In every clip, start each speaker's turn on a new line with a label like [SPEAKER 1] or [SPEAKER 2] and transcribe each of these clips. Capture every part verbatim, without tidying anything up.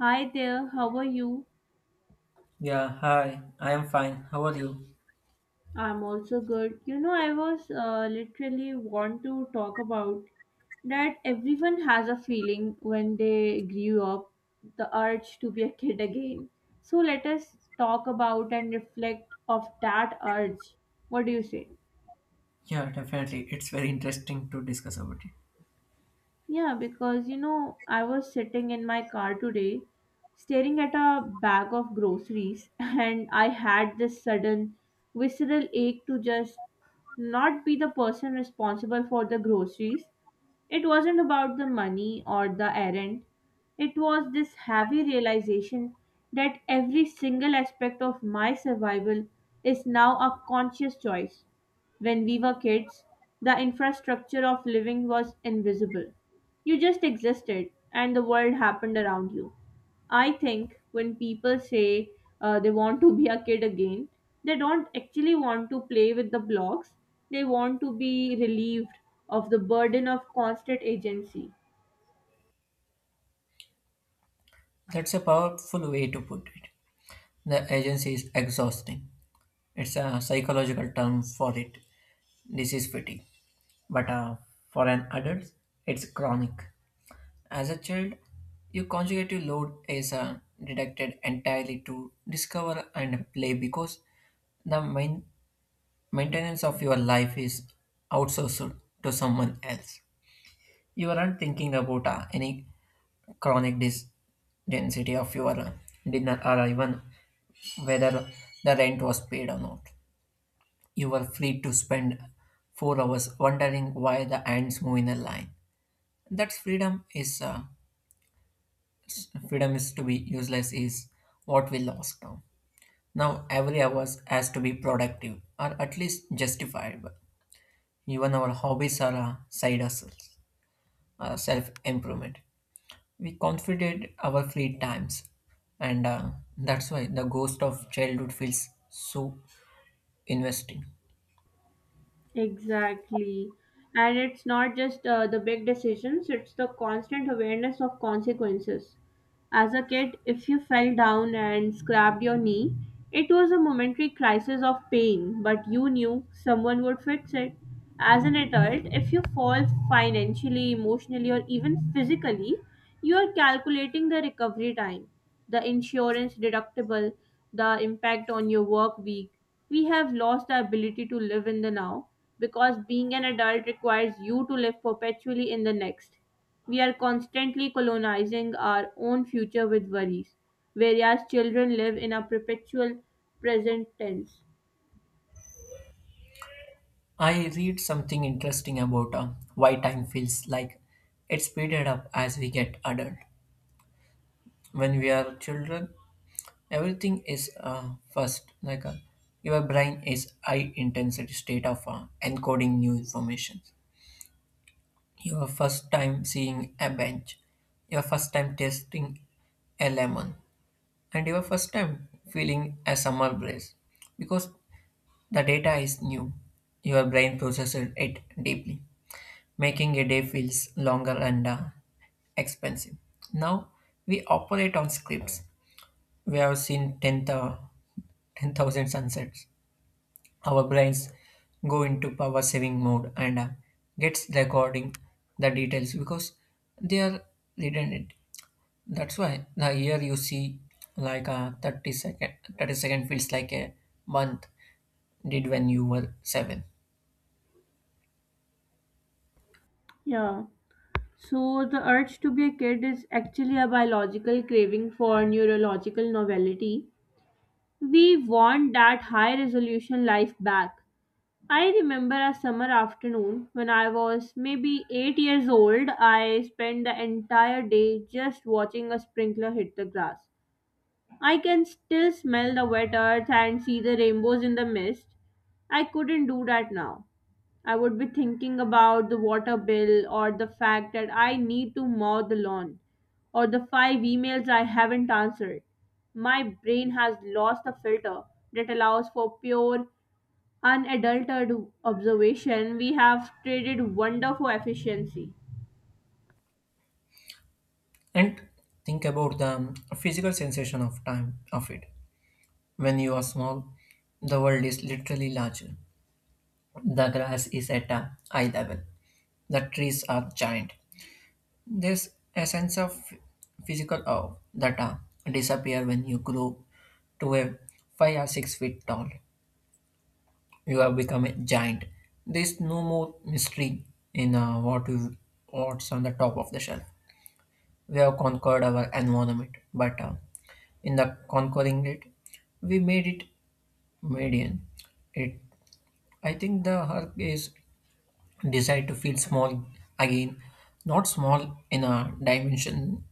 [SPEAKER 1] Hi there, how are you?
[SPEAKER 2] Yeah, hi. I am fine. How are you?
[SPEAKER 1] I'm also good. You know, I was uh, literally want to talk about that everyone has a feeling when they grew up, the urge to be a kid again. So let us talk about and reflect of that urge. What do you say?
[SPEAKER 2] Yeah, definitely. It's very interesting to discuss about it.
[SPEAKER 1] Yeah, because you know, I was sitting in my car today staring at a bag of groceries, and I had this sudden visceral ache to just not be the person responsible for the groceries. It wasn't about the money or the errand, it was this heavy realization that every single aspect of my survival is now a conscious choice. When we were kids, the infrastructure of living was invisible. You just existed and the world happened around you. I think when people say uh, they want to be a kid again, they don't actually want to play with the blocks. They want to be relieved of the burden of constant agency.
[SPEAKER 2] That's a powerful way to put it. The agency is exhausting. It's a psychological term for it. This is fatigue. But uh, for an adult, it's chronic. As a child, your conjugative load is uh, deducted entirely to discover and play because the main- maintenance of your life is outsourced to someone else. You aren't thinking about uh, any chronic dis- density of your uh, dinner or even whether the rent was paid or not. You were free to spend four hours wondering why the ants move in a line. That's freedom is uh, freedom is to be useless is what we lost now. Now every hour has to be productive or at least justifiable. Even our hobbies are uh, side hustles, uh, self improvement. we confided our fleet times and uh, that's why the ghost of childhood feels so investing.
[SPEAKER 1] Exactly. And it's not just uh, the big decisions, it's the constant awareness of consequences. As a kid, if you fell down and scrapped your knee, it was a momentary crisis of pain, but you knew someone would fix it. As an adult, if you fall financially, emotionally, or even physically, you are calculating the recovery time, the insurance deductible, the impact on your work week. We have lost the ability to live in the now because being an adult requires you to live perpetually in the next. We are constantly colonizing our own future with worries, whereas children live in a perpetual present tense.
[SPEAKER 2] I read something interesting about uh, why time feels like it's speeded up as we get adult. When we are children, everything is uh, first, like, uh, your brain is high intensity state of uh, encoding new information. Your first time seeing a bench, your first time tasting a lemon, and your first time feeling a summer breeze, because the data is new. Your brain processes it deeply, making a day feels longer and uh, expensive. Now we operate on scripts. We have seen ten thousand ten thousand sunsets. Our brains go into power saving mode and uh, gets recording the details because they are redundant. That's why the year you see like a thirty second thirty second feels like a month did when you were seven.
[SPEAKER 1] Yeah. So, the urge to be a kid is actually a biological craving for neurological novelty. We want that high resolution life back. I remember a summer afternoon when I was maybe eight years old, I spent the entire day just watching a sprinkler hit the grass. I can still smell the wet earth and see the rainbows in the mist. I couldn't do that now. I would be thinking about the water bill or the fact that I need to mow the lawn or the five emails I haven't answered. My brain has lost the filter that allows for pure, unadulterated observation. We have traded wonder for efficiency.
[SPEAKER 2] And think about the um, physical sensation of time of it. When you are small, the world is literally larger. The grass is at a eye level. The trees are giant. There's a sense of physical awe that uh, disappear when you grow to a five or six feet tall. you have become a giant. There's no more mystery in uh, what you, what's on the top of the shelf. We have conquered our environment, but uh, in the conquering it, we made it median. It, I think the herb is designed to feel small again, not small in a dimensioning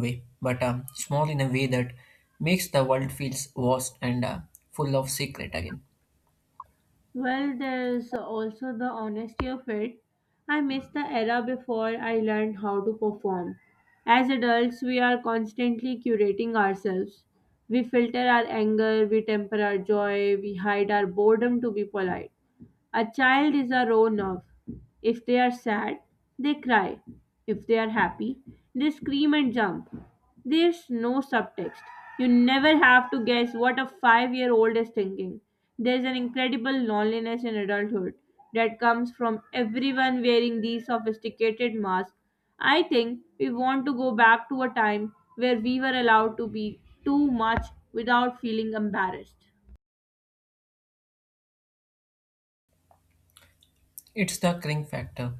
[SPEAKER 2] way, but um, small in a way that makes the world feels vast and uh, full of secret again.
[SPEAKER 1] Well, there's also the honesty of it. I miss the era before I learned how to perform. As adults, we are constantly curating ourselves. We filter our anger, we temper our joy, we hide our boredom to be polite. A child is a raw nerve. If they are sad, they cry. If they are happy, they scream and jump. There's no subtext. You never have to guess what a five year old is thinking. There's an incredible loneliness in adulthood that comes from everyone wearing these sophisticated masks. I think we want to go back to a time where we were allowed to be too much without feeling embarrassed.
[SPEAKER 2] It's the cring factor.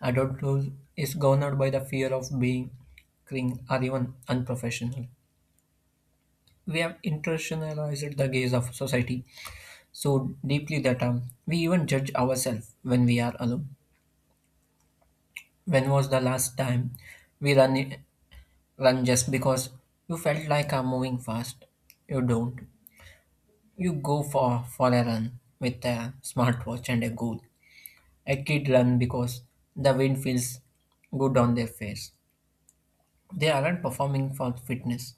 [SPEAKER 2] Adulthood is governed by the fear of being cring or even unprofessional. We have internationalized the gaze of society so deeply that um, we even judge ourselves when we are alone. When was the last time we run run just because you felt like I'm moving fast? You don't. You go for, for a run with a smartwatch and a goal. A kid run because the wind feels good on their face. They aren't performing for fitness.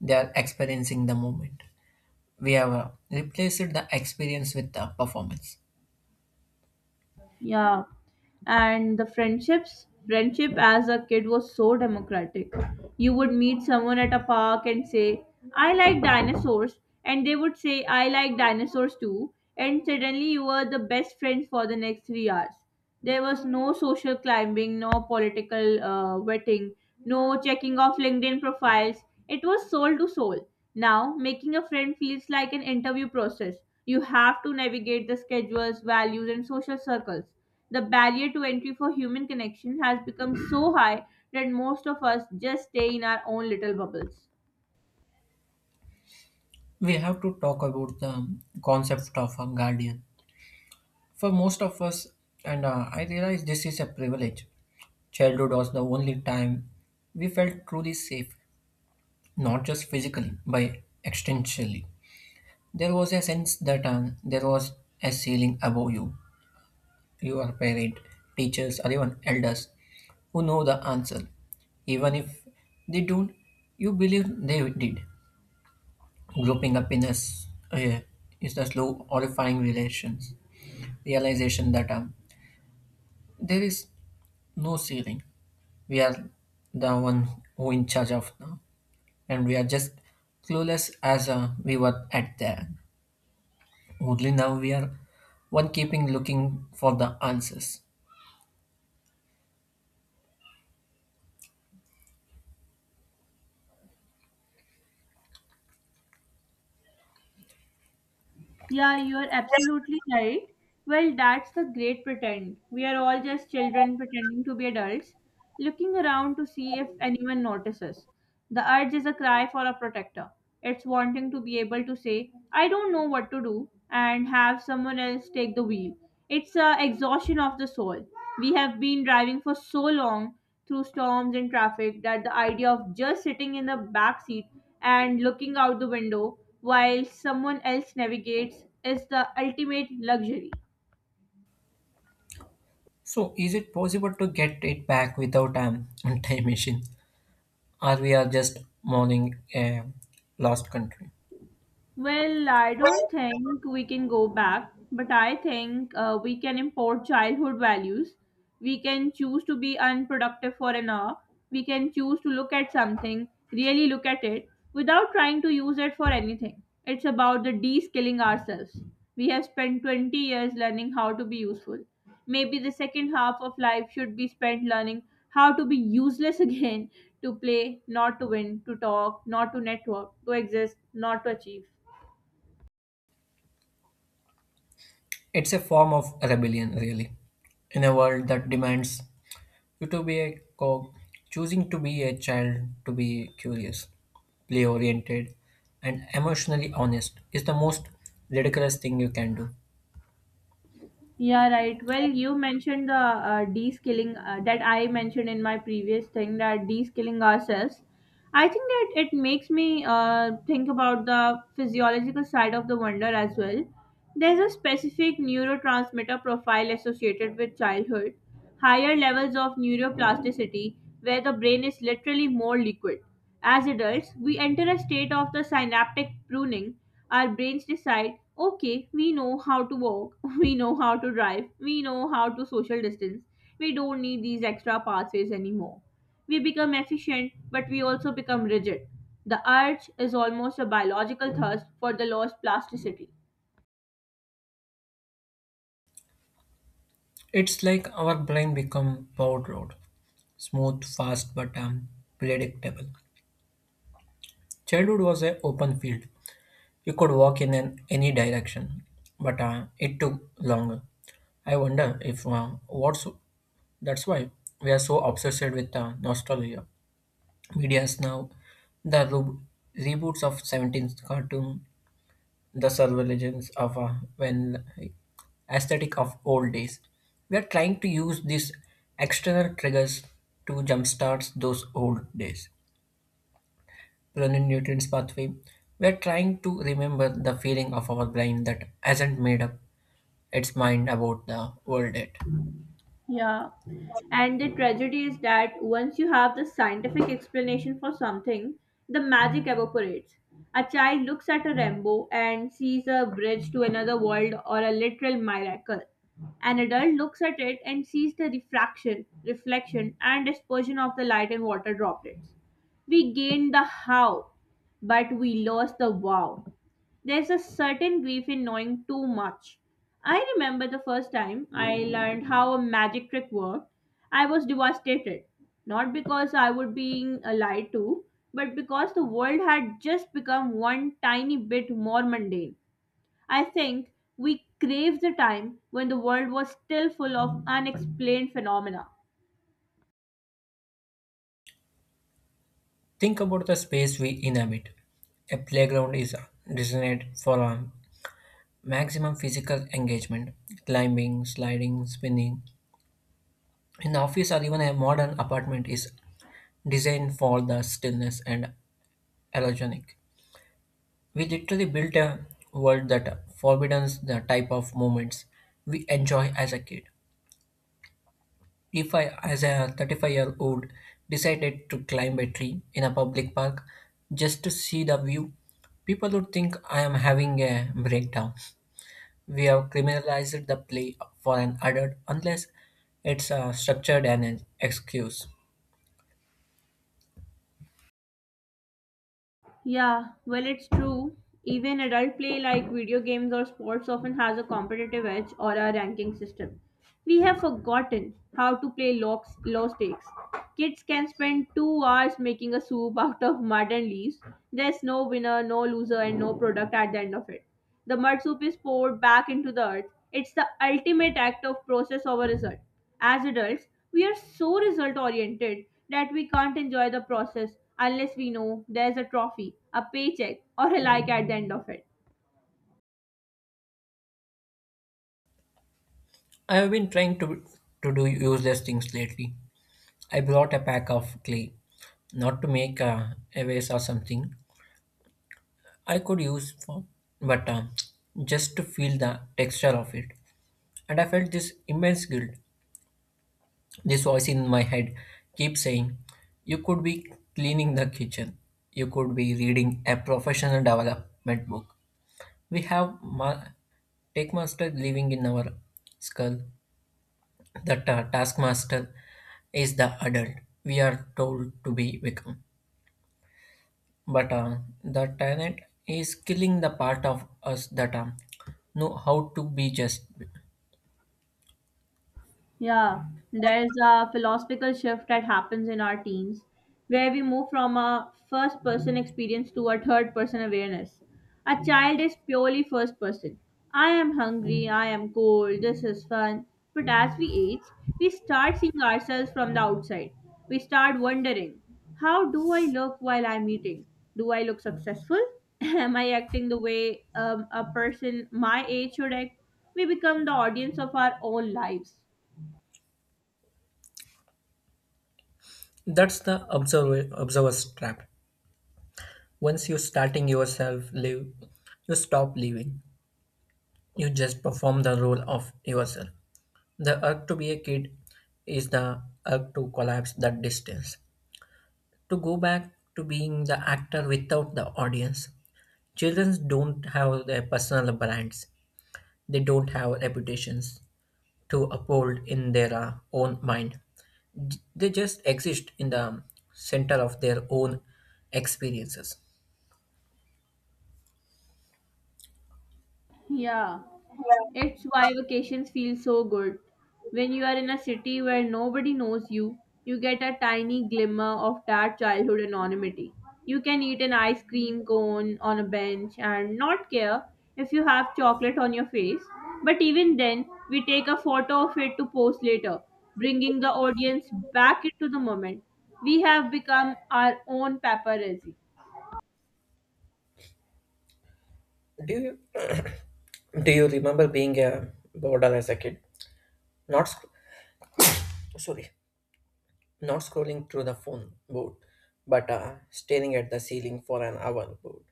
[SPEAKER 2] They are experiencing the moment. We have uh, replaced the experience with the performance.
[SPEAKER 1] Yeah. And the friendships, friendship as a kid was so democratic. You would meet someone at a park and say, I like dinosaurs. And they would say, I like dinosaurs too. And suddenly you were the best friends for the next three hours. There was no social climbing, no political uh, vetting, no checking of LinkedIn profiles. It was soul to soul. Now, making a friend feels like an interview process. You have to navigate the schedules, values, and social circles. The barrier to entry for human connection has become so high that most of us just stay in our own little bubbles.
[SPEAKER 2] We have to talk about the concept of a guardian. For most of us, and uh, I realize this is a privilege, childhood was the only time we felt truly safe, not just physically, but existentially. There was a sense that uh, there was a ceiling above you, your parent, teachers, or even elders who know the answer. Even if they don't, you believe they did. Grouping up in us, uh, is the slow, horrifying relations. Realization that um, there is no ceiling. We are the one who in charge of now, and we are just clueless as uh, we were at there. Only now we are one keeping looking for the answers.
[SPEAKER 1] Yeah, you're absolutely right. Well, that's the great pretend. We are all just children pretending to be adults, looking around to see if anyone notices. The urge is a cry for a protector. It's wanting to be able to say, I don't know what to do, and have someone else take the wheel. It's a exhaustion of the soul. We have been driving for so long through storms and traffic that the idea of just sitting in the back seat and looking out the window while someone else navigates is the ultimate luxury.
[SPEAKER 2] So, is it possible to get it back without um, a time machine? or we are just mourning a lost country.
[SPEAKER 1] Well, I don't think we can go back, but I think uh, we can import childhood values. We can choose to be unproductive for an hour. We can choose to look at something, really look at it, without trying to use it for anything. It's about the de skilling ourselves. We have spent twenty years learning how to be useful. Maybe the second half of life should be spent learning how to be useless again to play, not to win, to talk, not to network, to exist, not to achieve.
[SPEAKER 2] It's a form of rebellion, really, in a world that demands you to be a cog, choosing to be a child, to be curious, play oriented, and emotionally honest is the most ridiculous thing you can do.
[SPEAKER 1] Yeah, right. Well, you mentioned the uh, de-skilling uh, that I mentioned in my previous thing that de-skilling ourselves. I think that it makes me uh, think about the physiological side of the wonder as well. There's a specific neurotransmitter profile associated with childhood, higher levels of neuroplasticity, where the brain is literally more liquid. As adults, we enter a state of the synaptic pruning. Our brains decide, okay, we know how to walk, we know how to drive, we know how to social distance. We don't need these extra pathways anymore. We become efficient, but we also become rigid. The urge is almost a biological thirst for the lost plasticity.
[SPEAKER 2] It's like our brain become powered road, smooth, fast, but um, predictable. Childhood was an open field. You could walk in an, any direction, but uh, it took longer. I wonder if uh, what's that's why we are so obsessed with uh, nostalgia. Media's now the re- reboots of seventeenth cartoon, the surveillance of uh, when like, aesthetic of old days. We are trying to use these external triggers to jumpstart those old days. Running nutrients pathway, we're trying to remember the feeling of our brain that hasn't made up its mind about the world yet.
[SPEAKER 1] Yeah. And the tragedy is that once you have the scientific explanation for something, the magic evaporates. A child looks at a rainbow and sees a bridge to another world or a literal miracle. An adult looks at it and sees the refraction, reflection, and dispersion of the light and water droplets. We gained the how, but we lost the wow. There's a certain grief in knowing too much. I remember the first time I learned how a magic trick worked. I was devastated, not because I was being lied to, but because the world had just become one tiny bit more mundane. I think we crave the time when the world was still full of unexplained phenomena.
[SPEAKER 2] Think about the space we inhabit. A playground is designed for um, maximum physical engagement, climbing, sliding, spinning. An office or even a modern apartment is designed for the stillness and allogenic. We literally built a world that forbids the type of moments we enjoy as a kid. If I, as a thirty-five year old, decided to climb a tree in a public park just to see the view, people would think I am having a breakdown. We have criminalized the play for an adult unless it's uh, structured and an excuse.
[SPEAKER 1] Yeah, well, it's true. Even adult play like video games or sports often has a competitive edge or a ranking system. We have forgotten how to play low, low stakes. Kids can spend two hours making a soup out of mud and leaves. There's no winner, no loser, and no product at the end of it. The mud soup is poured back into the earth. It's the ultimate act of process over result. As adults, we are so result oriented that we can't enjoy the process unless we know there's a trophy, a paycheck, or a like at the end of it.
[SPEAKER 2] I have been trying to, to do useless things lately. I brought a pack of clay, not to make uh, a vase or something I could use for, but uh, just to feel the texture of it. And I felt this immense guilt. This voice in my head keeps saying, You could be cleaning the kitchen. You could be reading a professional development book. We have ma- Taskmaster living in our skull. The ta- taskmaster is the adult we are told to be become. But uh, the talent is killing the part of us that uh, know how to be just.
[SPEAKER 1] Yeah, there's a philosophical shift that happens in our teens where we move from a first person experience to a third person awareness. A child is purely first person. I am hungry, I am cold, this is fun. But as we age, we start seeing ourselves from the outside. We start wondering how do I look while I'm eating? Do I look successful? Am I acting the way um, a person my age should act? We become the audience of our own lives.
[SPEAKER 2] That's the observer observer's trap. Once you starting yourself live, you stop living. You just perform the role of yourself. The urge to be a kid is the urge to collapse that distance. To go back to being the actor without the audience. Children don't have their personal brands. They don't have reputations to uphold in their uh, own mind. They just exist in the center of their own experiences.
[SPEAKER 1] Yeah, it's why vacations feel so good. When you are in a city where nobody knows you, you get a tiny glimmer of that childhood anonymity. You can eat an ice cream cone on a bench and not care if you have chocolate on your face. But even then, we take a photo of it to post later, bringing the audience back into the moment. We have become our own paparazzi.
[SPEAKER 2] Do you do you remember being a bored as a kid? Not sc- sorry, not scrolling through the phone board, but uh, staring at the ceiling for an hour board.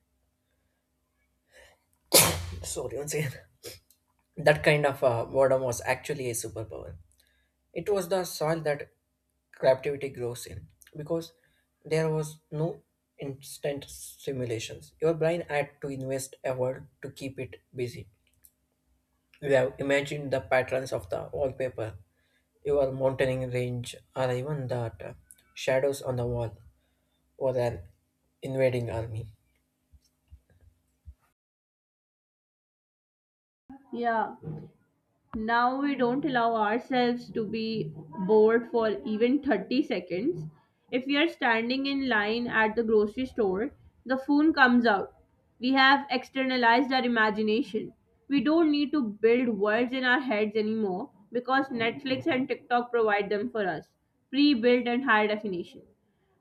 [SPEAKER 2] Sorry, once again. That kind of uh, boredom was actually a superpower. It was the soil that creativity grows in, because there was no instant simulations. Your brain had to invest effort to keep it busy. You have imagined the patterns of the wallpaper, your mountain range, or even that uh, shadows on the wall, or an invading army.
[SPEAKER 1] Yeah. Now we don't allow ourselves to be bored for even thirty seconds. If we are standing in line at the grocery store, the phone comes out. We have externalized our imagination. We don't need to build words in our heads anymore because Netflix and TikTok provide them for us, pre-built and high definition.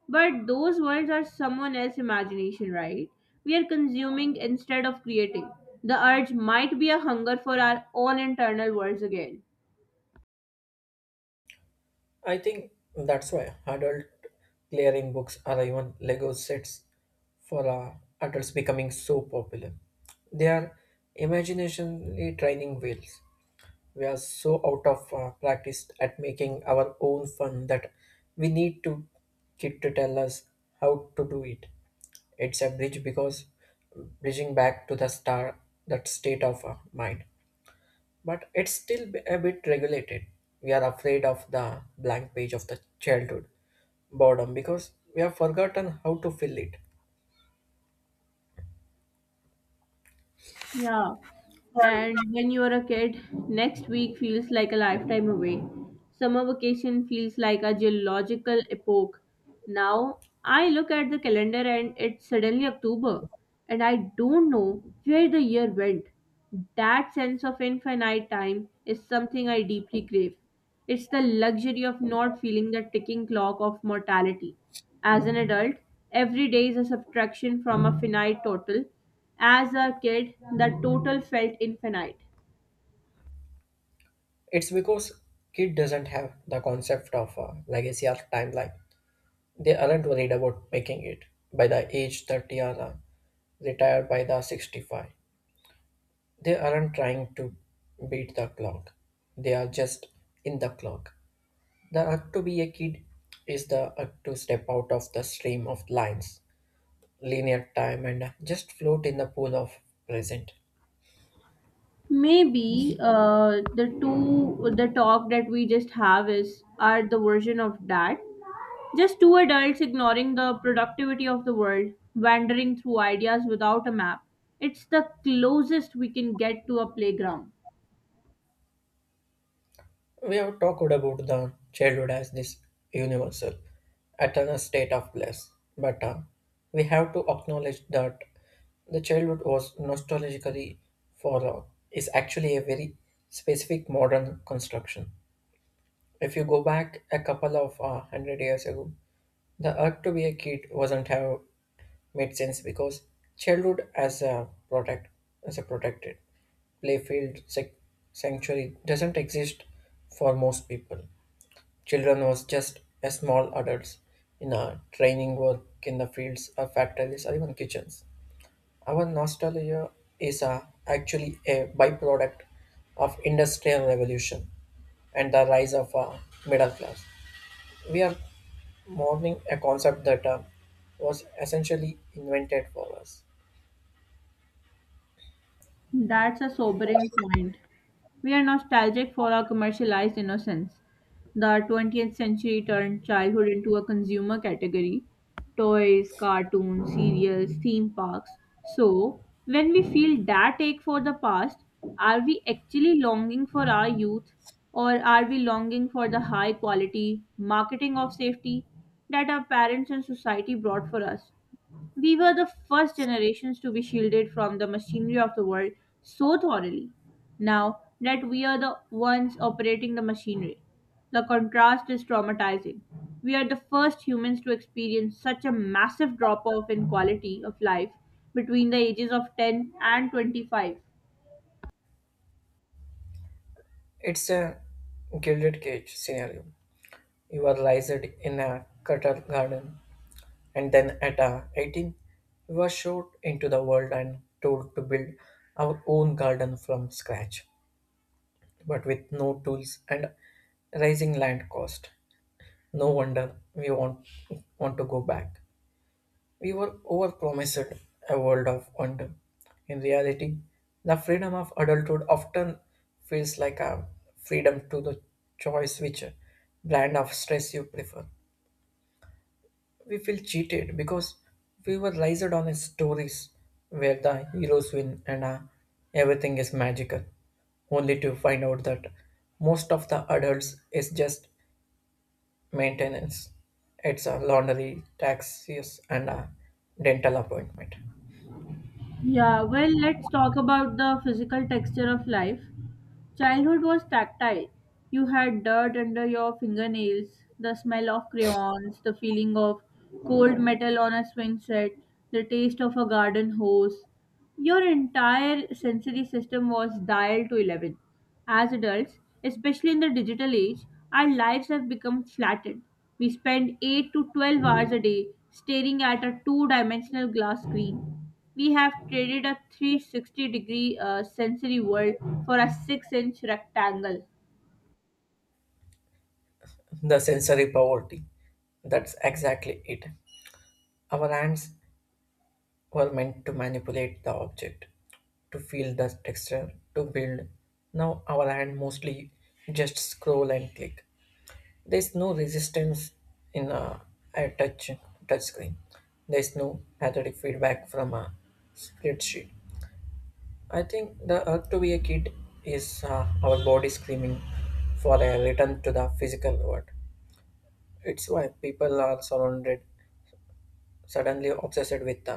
[SPEAKER 1] But those worlds are someone else's imagination, right? We are consuming instead of creating. The urge might be a hunger for our own internal worlds again.
[SPEAKER 2] I think that's why adult clearing books or even Lego sets for uh, adults becoming so popular. They are imaginationally training wheels. We are so out of uh, practice at making our own fun that we need to kid to tell us how to do it. It's a bridge because bridging back to the star, that state of uh, mind. But it's still b- a bit regulated. We are afraid of the blank page of the childhood boredom because we have forgotten how to fill it.
[SPEAKER 1] Yeah. And when you are a kid, next week feels like a lifetime away. Summer vacation feels like a geological epoch. Now, I look at the calendar and it's suddenly October, and I don't know where the year went. That sense of infinite time is something I deeply crave. It's the luxury of not feeling the ticking clock of mortality. As an adult, every day is a subtraction from a finite total. As a kid, the total felt infinite.
[SPEAKER 2] It's because kid doesn't have the concept of uh, legacy or timeline. They aren't worried about making it by the age thirty or uh, retired by the sixty-five. They aren't trying to beat the clock. They are just in the clock. The urge to be a kid is the urge to step out of the stream of lines, linear time, and just float in the pool of present.
[SPEAKER 1] Maybe uh, the two the talk that we just have is are the version of that. Just two adults ignoring the productivity of the world, wandering through ideas without a map. It's the closest we can get to a playground.
[SPEAKER 2] We have talked about the childhood as this universal, eternal state of bliss, but uh, we have to acknowledge that the childhood was nostalgically for uh, is actually a very specific modern construction. If you go back a couple of uh, hundred years ago, the urge to be a kid wasn't have made sense because childhood as a protect as a protected playfield sac- sanctuary doesn't exist for most people. Children was just as small adults in a training work in the fields or factories or even kitchens. Our nostalgia is a, actually a byproduct of industrial revolution and the rise of a middle class. We are mourning a concept that uh, was essentially invented for us.
[SPEAKER 1] That's a sobering point. We are nostalgic for our commercialized innocence. The twentieth century turned childhood into a consumer category toys, cartoons, serials, theme parks. So, when we feel that ache for the past, are we actually longing for our youth or are we longing for the high quality marketing of safety that our parents and society brought for us? We were the first generations to be shielded from the machinery of the world so thoroughly. Now that we are the ones operating the machinery, the contrast is traumatizing. We are the first humans to experience such a massive drop off in quality of life between the ages of ten and twenty-five.
[SPEAKER 2] It's a gilded cage scenario. You are raised in a cutter garden, and then at uh, eighteen, we were shot into the world and told to build our own garden from scratch, but with no tools and rising land cost. No wonder we want, want to go back. We were overpromised a world of wonder. In reality, the freedom of adulthood often feels like a freedom to the choice which brand of stress you prefer. We feel cheated because we were raised on stories where the heroes win and uh, everything is magical, only to find out that most of the adults is just maintenance. It's a laundry, taxes, and a dental appointment.
[SPEAKER 1] Yeah, well, let's talk about the physical texture of life. Childhood was tactile. You had dirt under your fingernails, the smell of crayons, the feeling of cold metal on a swing set, the taste of a garden hose. Your entire sensory system was dialed to eleven. As adults, especially in the digital age, our lives have become flattened. We spend eight to twelve hours a day staring at a two dimensional glass screen. We have traded a three hundred sixty degree uh, sensory world for a six inch rectangle.
[SPEAKER 2] The sensory poverty. That's exactly it. Our hands were meant to manipulate the object, to feel the texture, to build. Now our hand mostly just scroll and click. There's no resistance in a, a touch touch screen. There's no pathetic feedback from a spreadsheet. I think the urge to be a kid is uh, our body screaming for a return to the physical world. It's why people are surrounded suddenly obsessed with the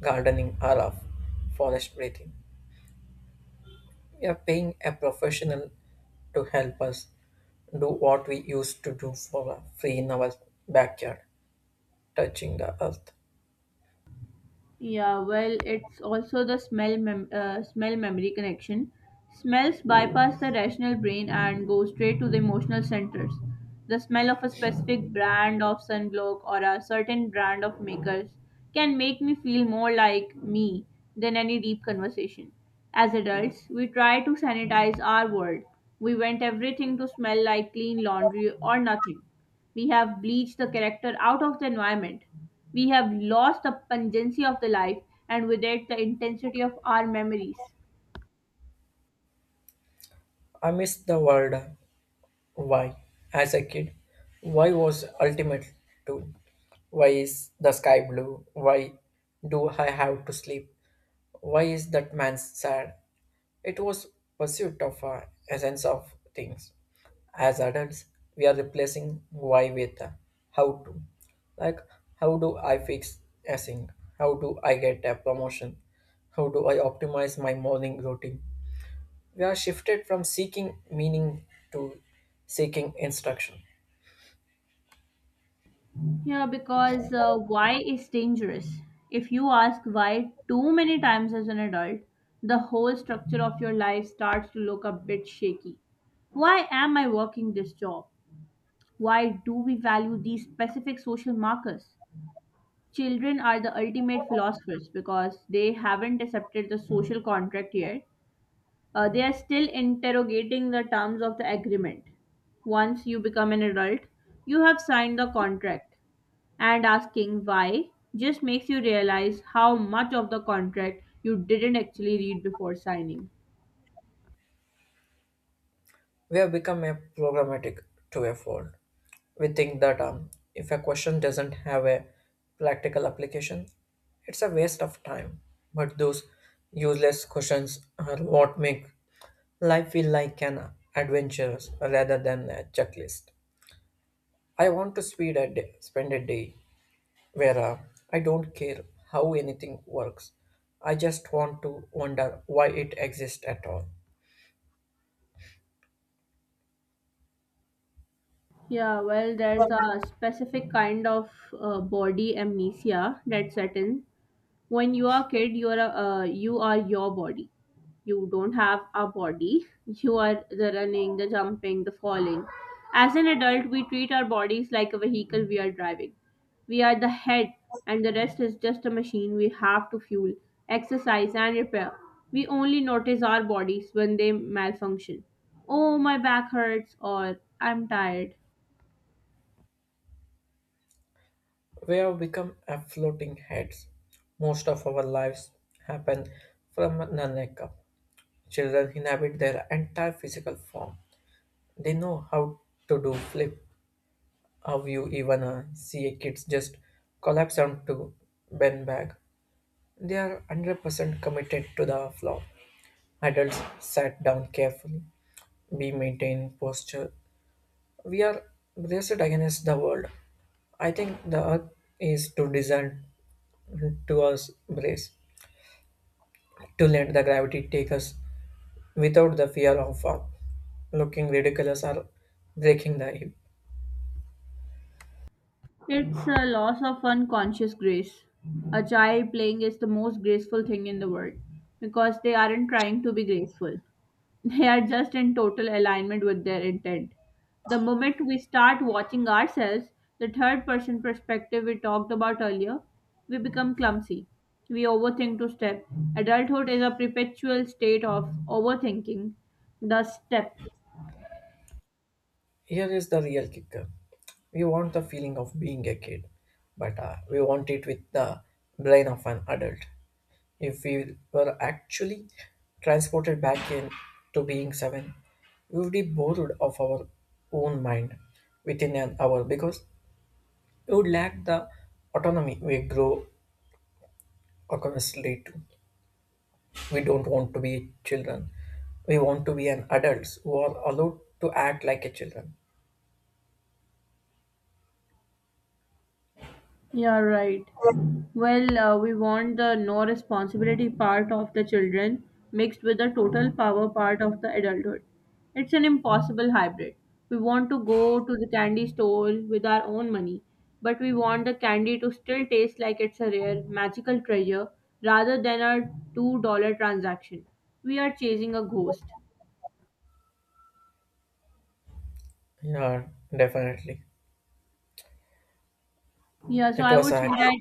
[SPEAKER 2] gardening or of forest breathing. We are paying a professional to help us do what we used to do for uh, free in our backyard, touching the earth.
[SPEAKER 1] Yeah, well, it's also the smell mem- uh, smell memory connection. Smells bypass the rational brain and go straight to the emotional centers. The smell of a specific brand of sunblock or a certain brand of makers can make me feel more like me than any deep conversation. As adults, we try to sanitize our world. We want everything to smell like clean laundry or nothing. We have bleached the character out of the environment. We have lost the pungency of the life and with it the intensity of our memories.
[SPEAKER 2] I miss the world. Why? As a kid, why was ultimate to? Why is the sky blue? Why do I have to sleep? Why is that man sad? It was pursuit of a essence of things. As adults, we are replacing why with a how to. Like, how do I fix a sink? How do I get a promotion? How do I optimize my morning routine? We are shifted from seeking meaning to seeking instruction.
[SPEAKER 1] Yeah, because uh, why is dangerous? If you ask why too many times as an adult, the whole structure of your life starts to look a bit shaky. Why am I working this job? Why do we value these specific social markers? Children are the ultimate philosophers because they haven't accepted the social contract yet. Uh, they are still interrogating the terms of the agreement. Once you become an adult, you have signed the contract, and asking why just makes you realize how much of the contract you didn't actually read before signing.
[SPEAKER 2] We have become a programmatic to a fault. We think that um, if a question doesn't have a practical application, it's a waste of time. But those useless questions are what make life feel like an adventure rather than a checklist. I want to speed a day, spend a day where uh, I don't care how anything works. I just want to wonder why it exists at all.
[SPEAKER 1] Yeah, well, there's a specific kind of uh, body amnesia that sets in. When you are a kid, you are a, uh, you are your body, you don't have a body. You are the running, the jumping, the falling. As an adult, we treat our bodies like a vehicle we are driving. We are the head, and the rest is just a machine we have to fuel, exercise and repair. We only notice our bodies when they malfunction. Oh, my back hurts, or I'm tired.
[SPEAKER 2] We have become a floating heads. Most of our lives happen from the neck up. Children inhabit their entire physical form. They know how to do flip, how you even uh, see a kids just collapse onto bend bag. They are one hundred percent committed to the floor. Adults sat down carefully. We maintain posture. We are braced against the world. I think the earth is to design to us brace. to let the gravity take us without the fear of uh, looking ridiculous or breaking the hip.
[SPEAKER 1] It's a loss of unconscious grace. A child playing is the most graceful thing in the world because they aren't trying to be graceful. They are just in total alignment with their intent. The moment we start watching ourselves, the third person perspective we talked about earlier, we become clumsy. We overthink to step. Adulthood is a perpetual state of overthinking the step.
[SPEAKER 2] Here is the real kicker. We want the feeling of being a kid, but uh, we want it with the brain of an adult. If we were actually transported back in to being seven, we would be bored of our own mind within an hour because we would lack the autonomy we grow accustomed to. We don't want to be children. We want to be an adults who are allowed to act like a children.
[SPEAKER 1] Yeah, right. Well, uh, we want the no responsibility part of the children mixed with the total power part of the adulthood. It's an impossible hybrid. We want to go to the candy store with our own money, but we want the candy to still taste like it's a rare, magical treasure rather than a two dollars transaction. We are chasing a ghost.
[SPEAKER 2] Yeah, definitely.
[SPEAKER 1] Yeah, so
[SPEAKER 2] It
[SPEAKER 1] I
[SPEAKER 2] was
[SPEAKER 1] would say
[SPEAKER 2] a
[SPEAKER 1] that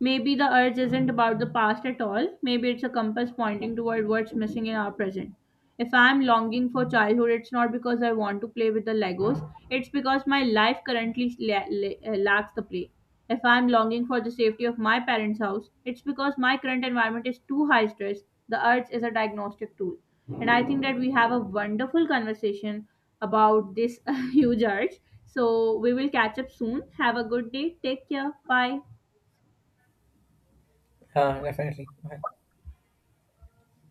[SPEAKER 1] maybe the urge isn't about the past at all. Maybe it's a compass pointing toward what's missing in our present. If I'm longing for childhood, it's not because I want to play with the Legos, it's because my life currently la- la- uh, lacks the play. If I'm longing for the safety of my parents' house, it's because my current environment is too high stress. The urge is a diagnostic tool. And I think that we have a wonderful conversation about this huge urge. So we will catch up soon. Have a good day. Take care. Bye.
[SPEAKER 2] yeah, definitely.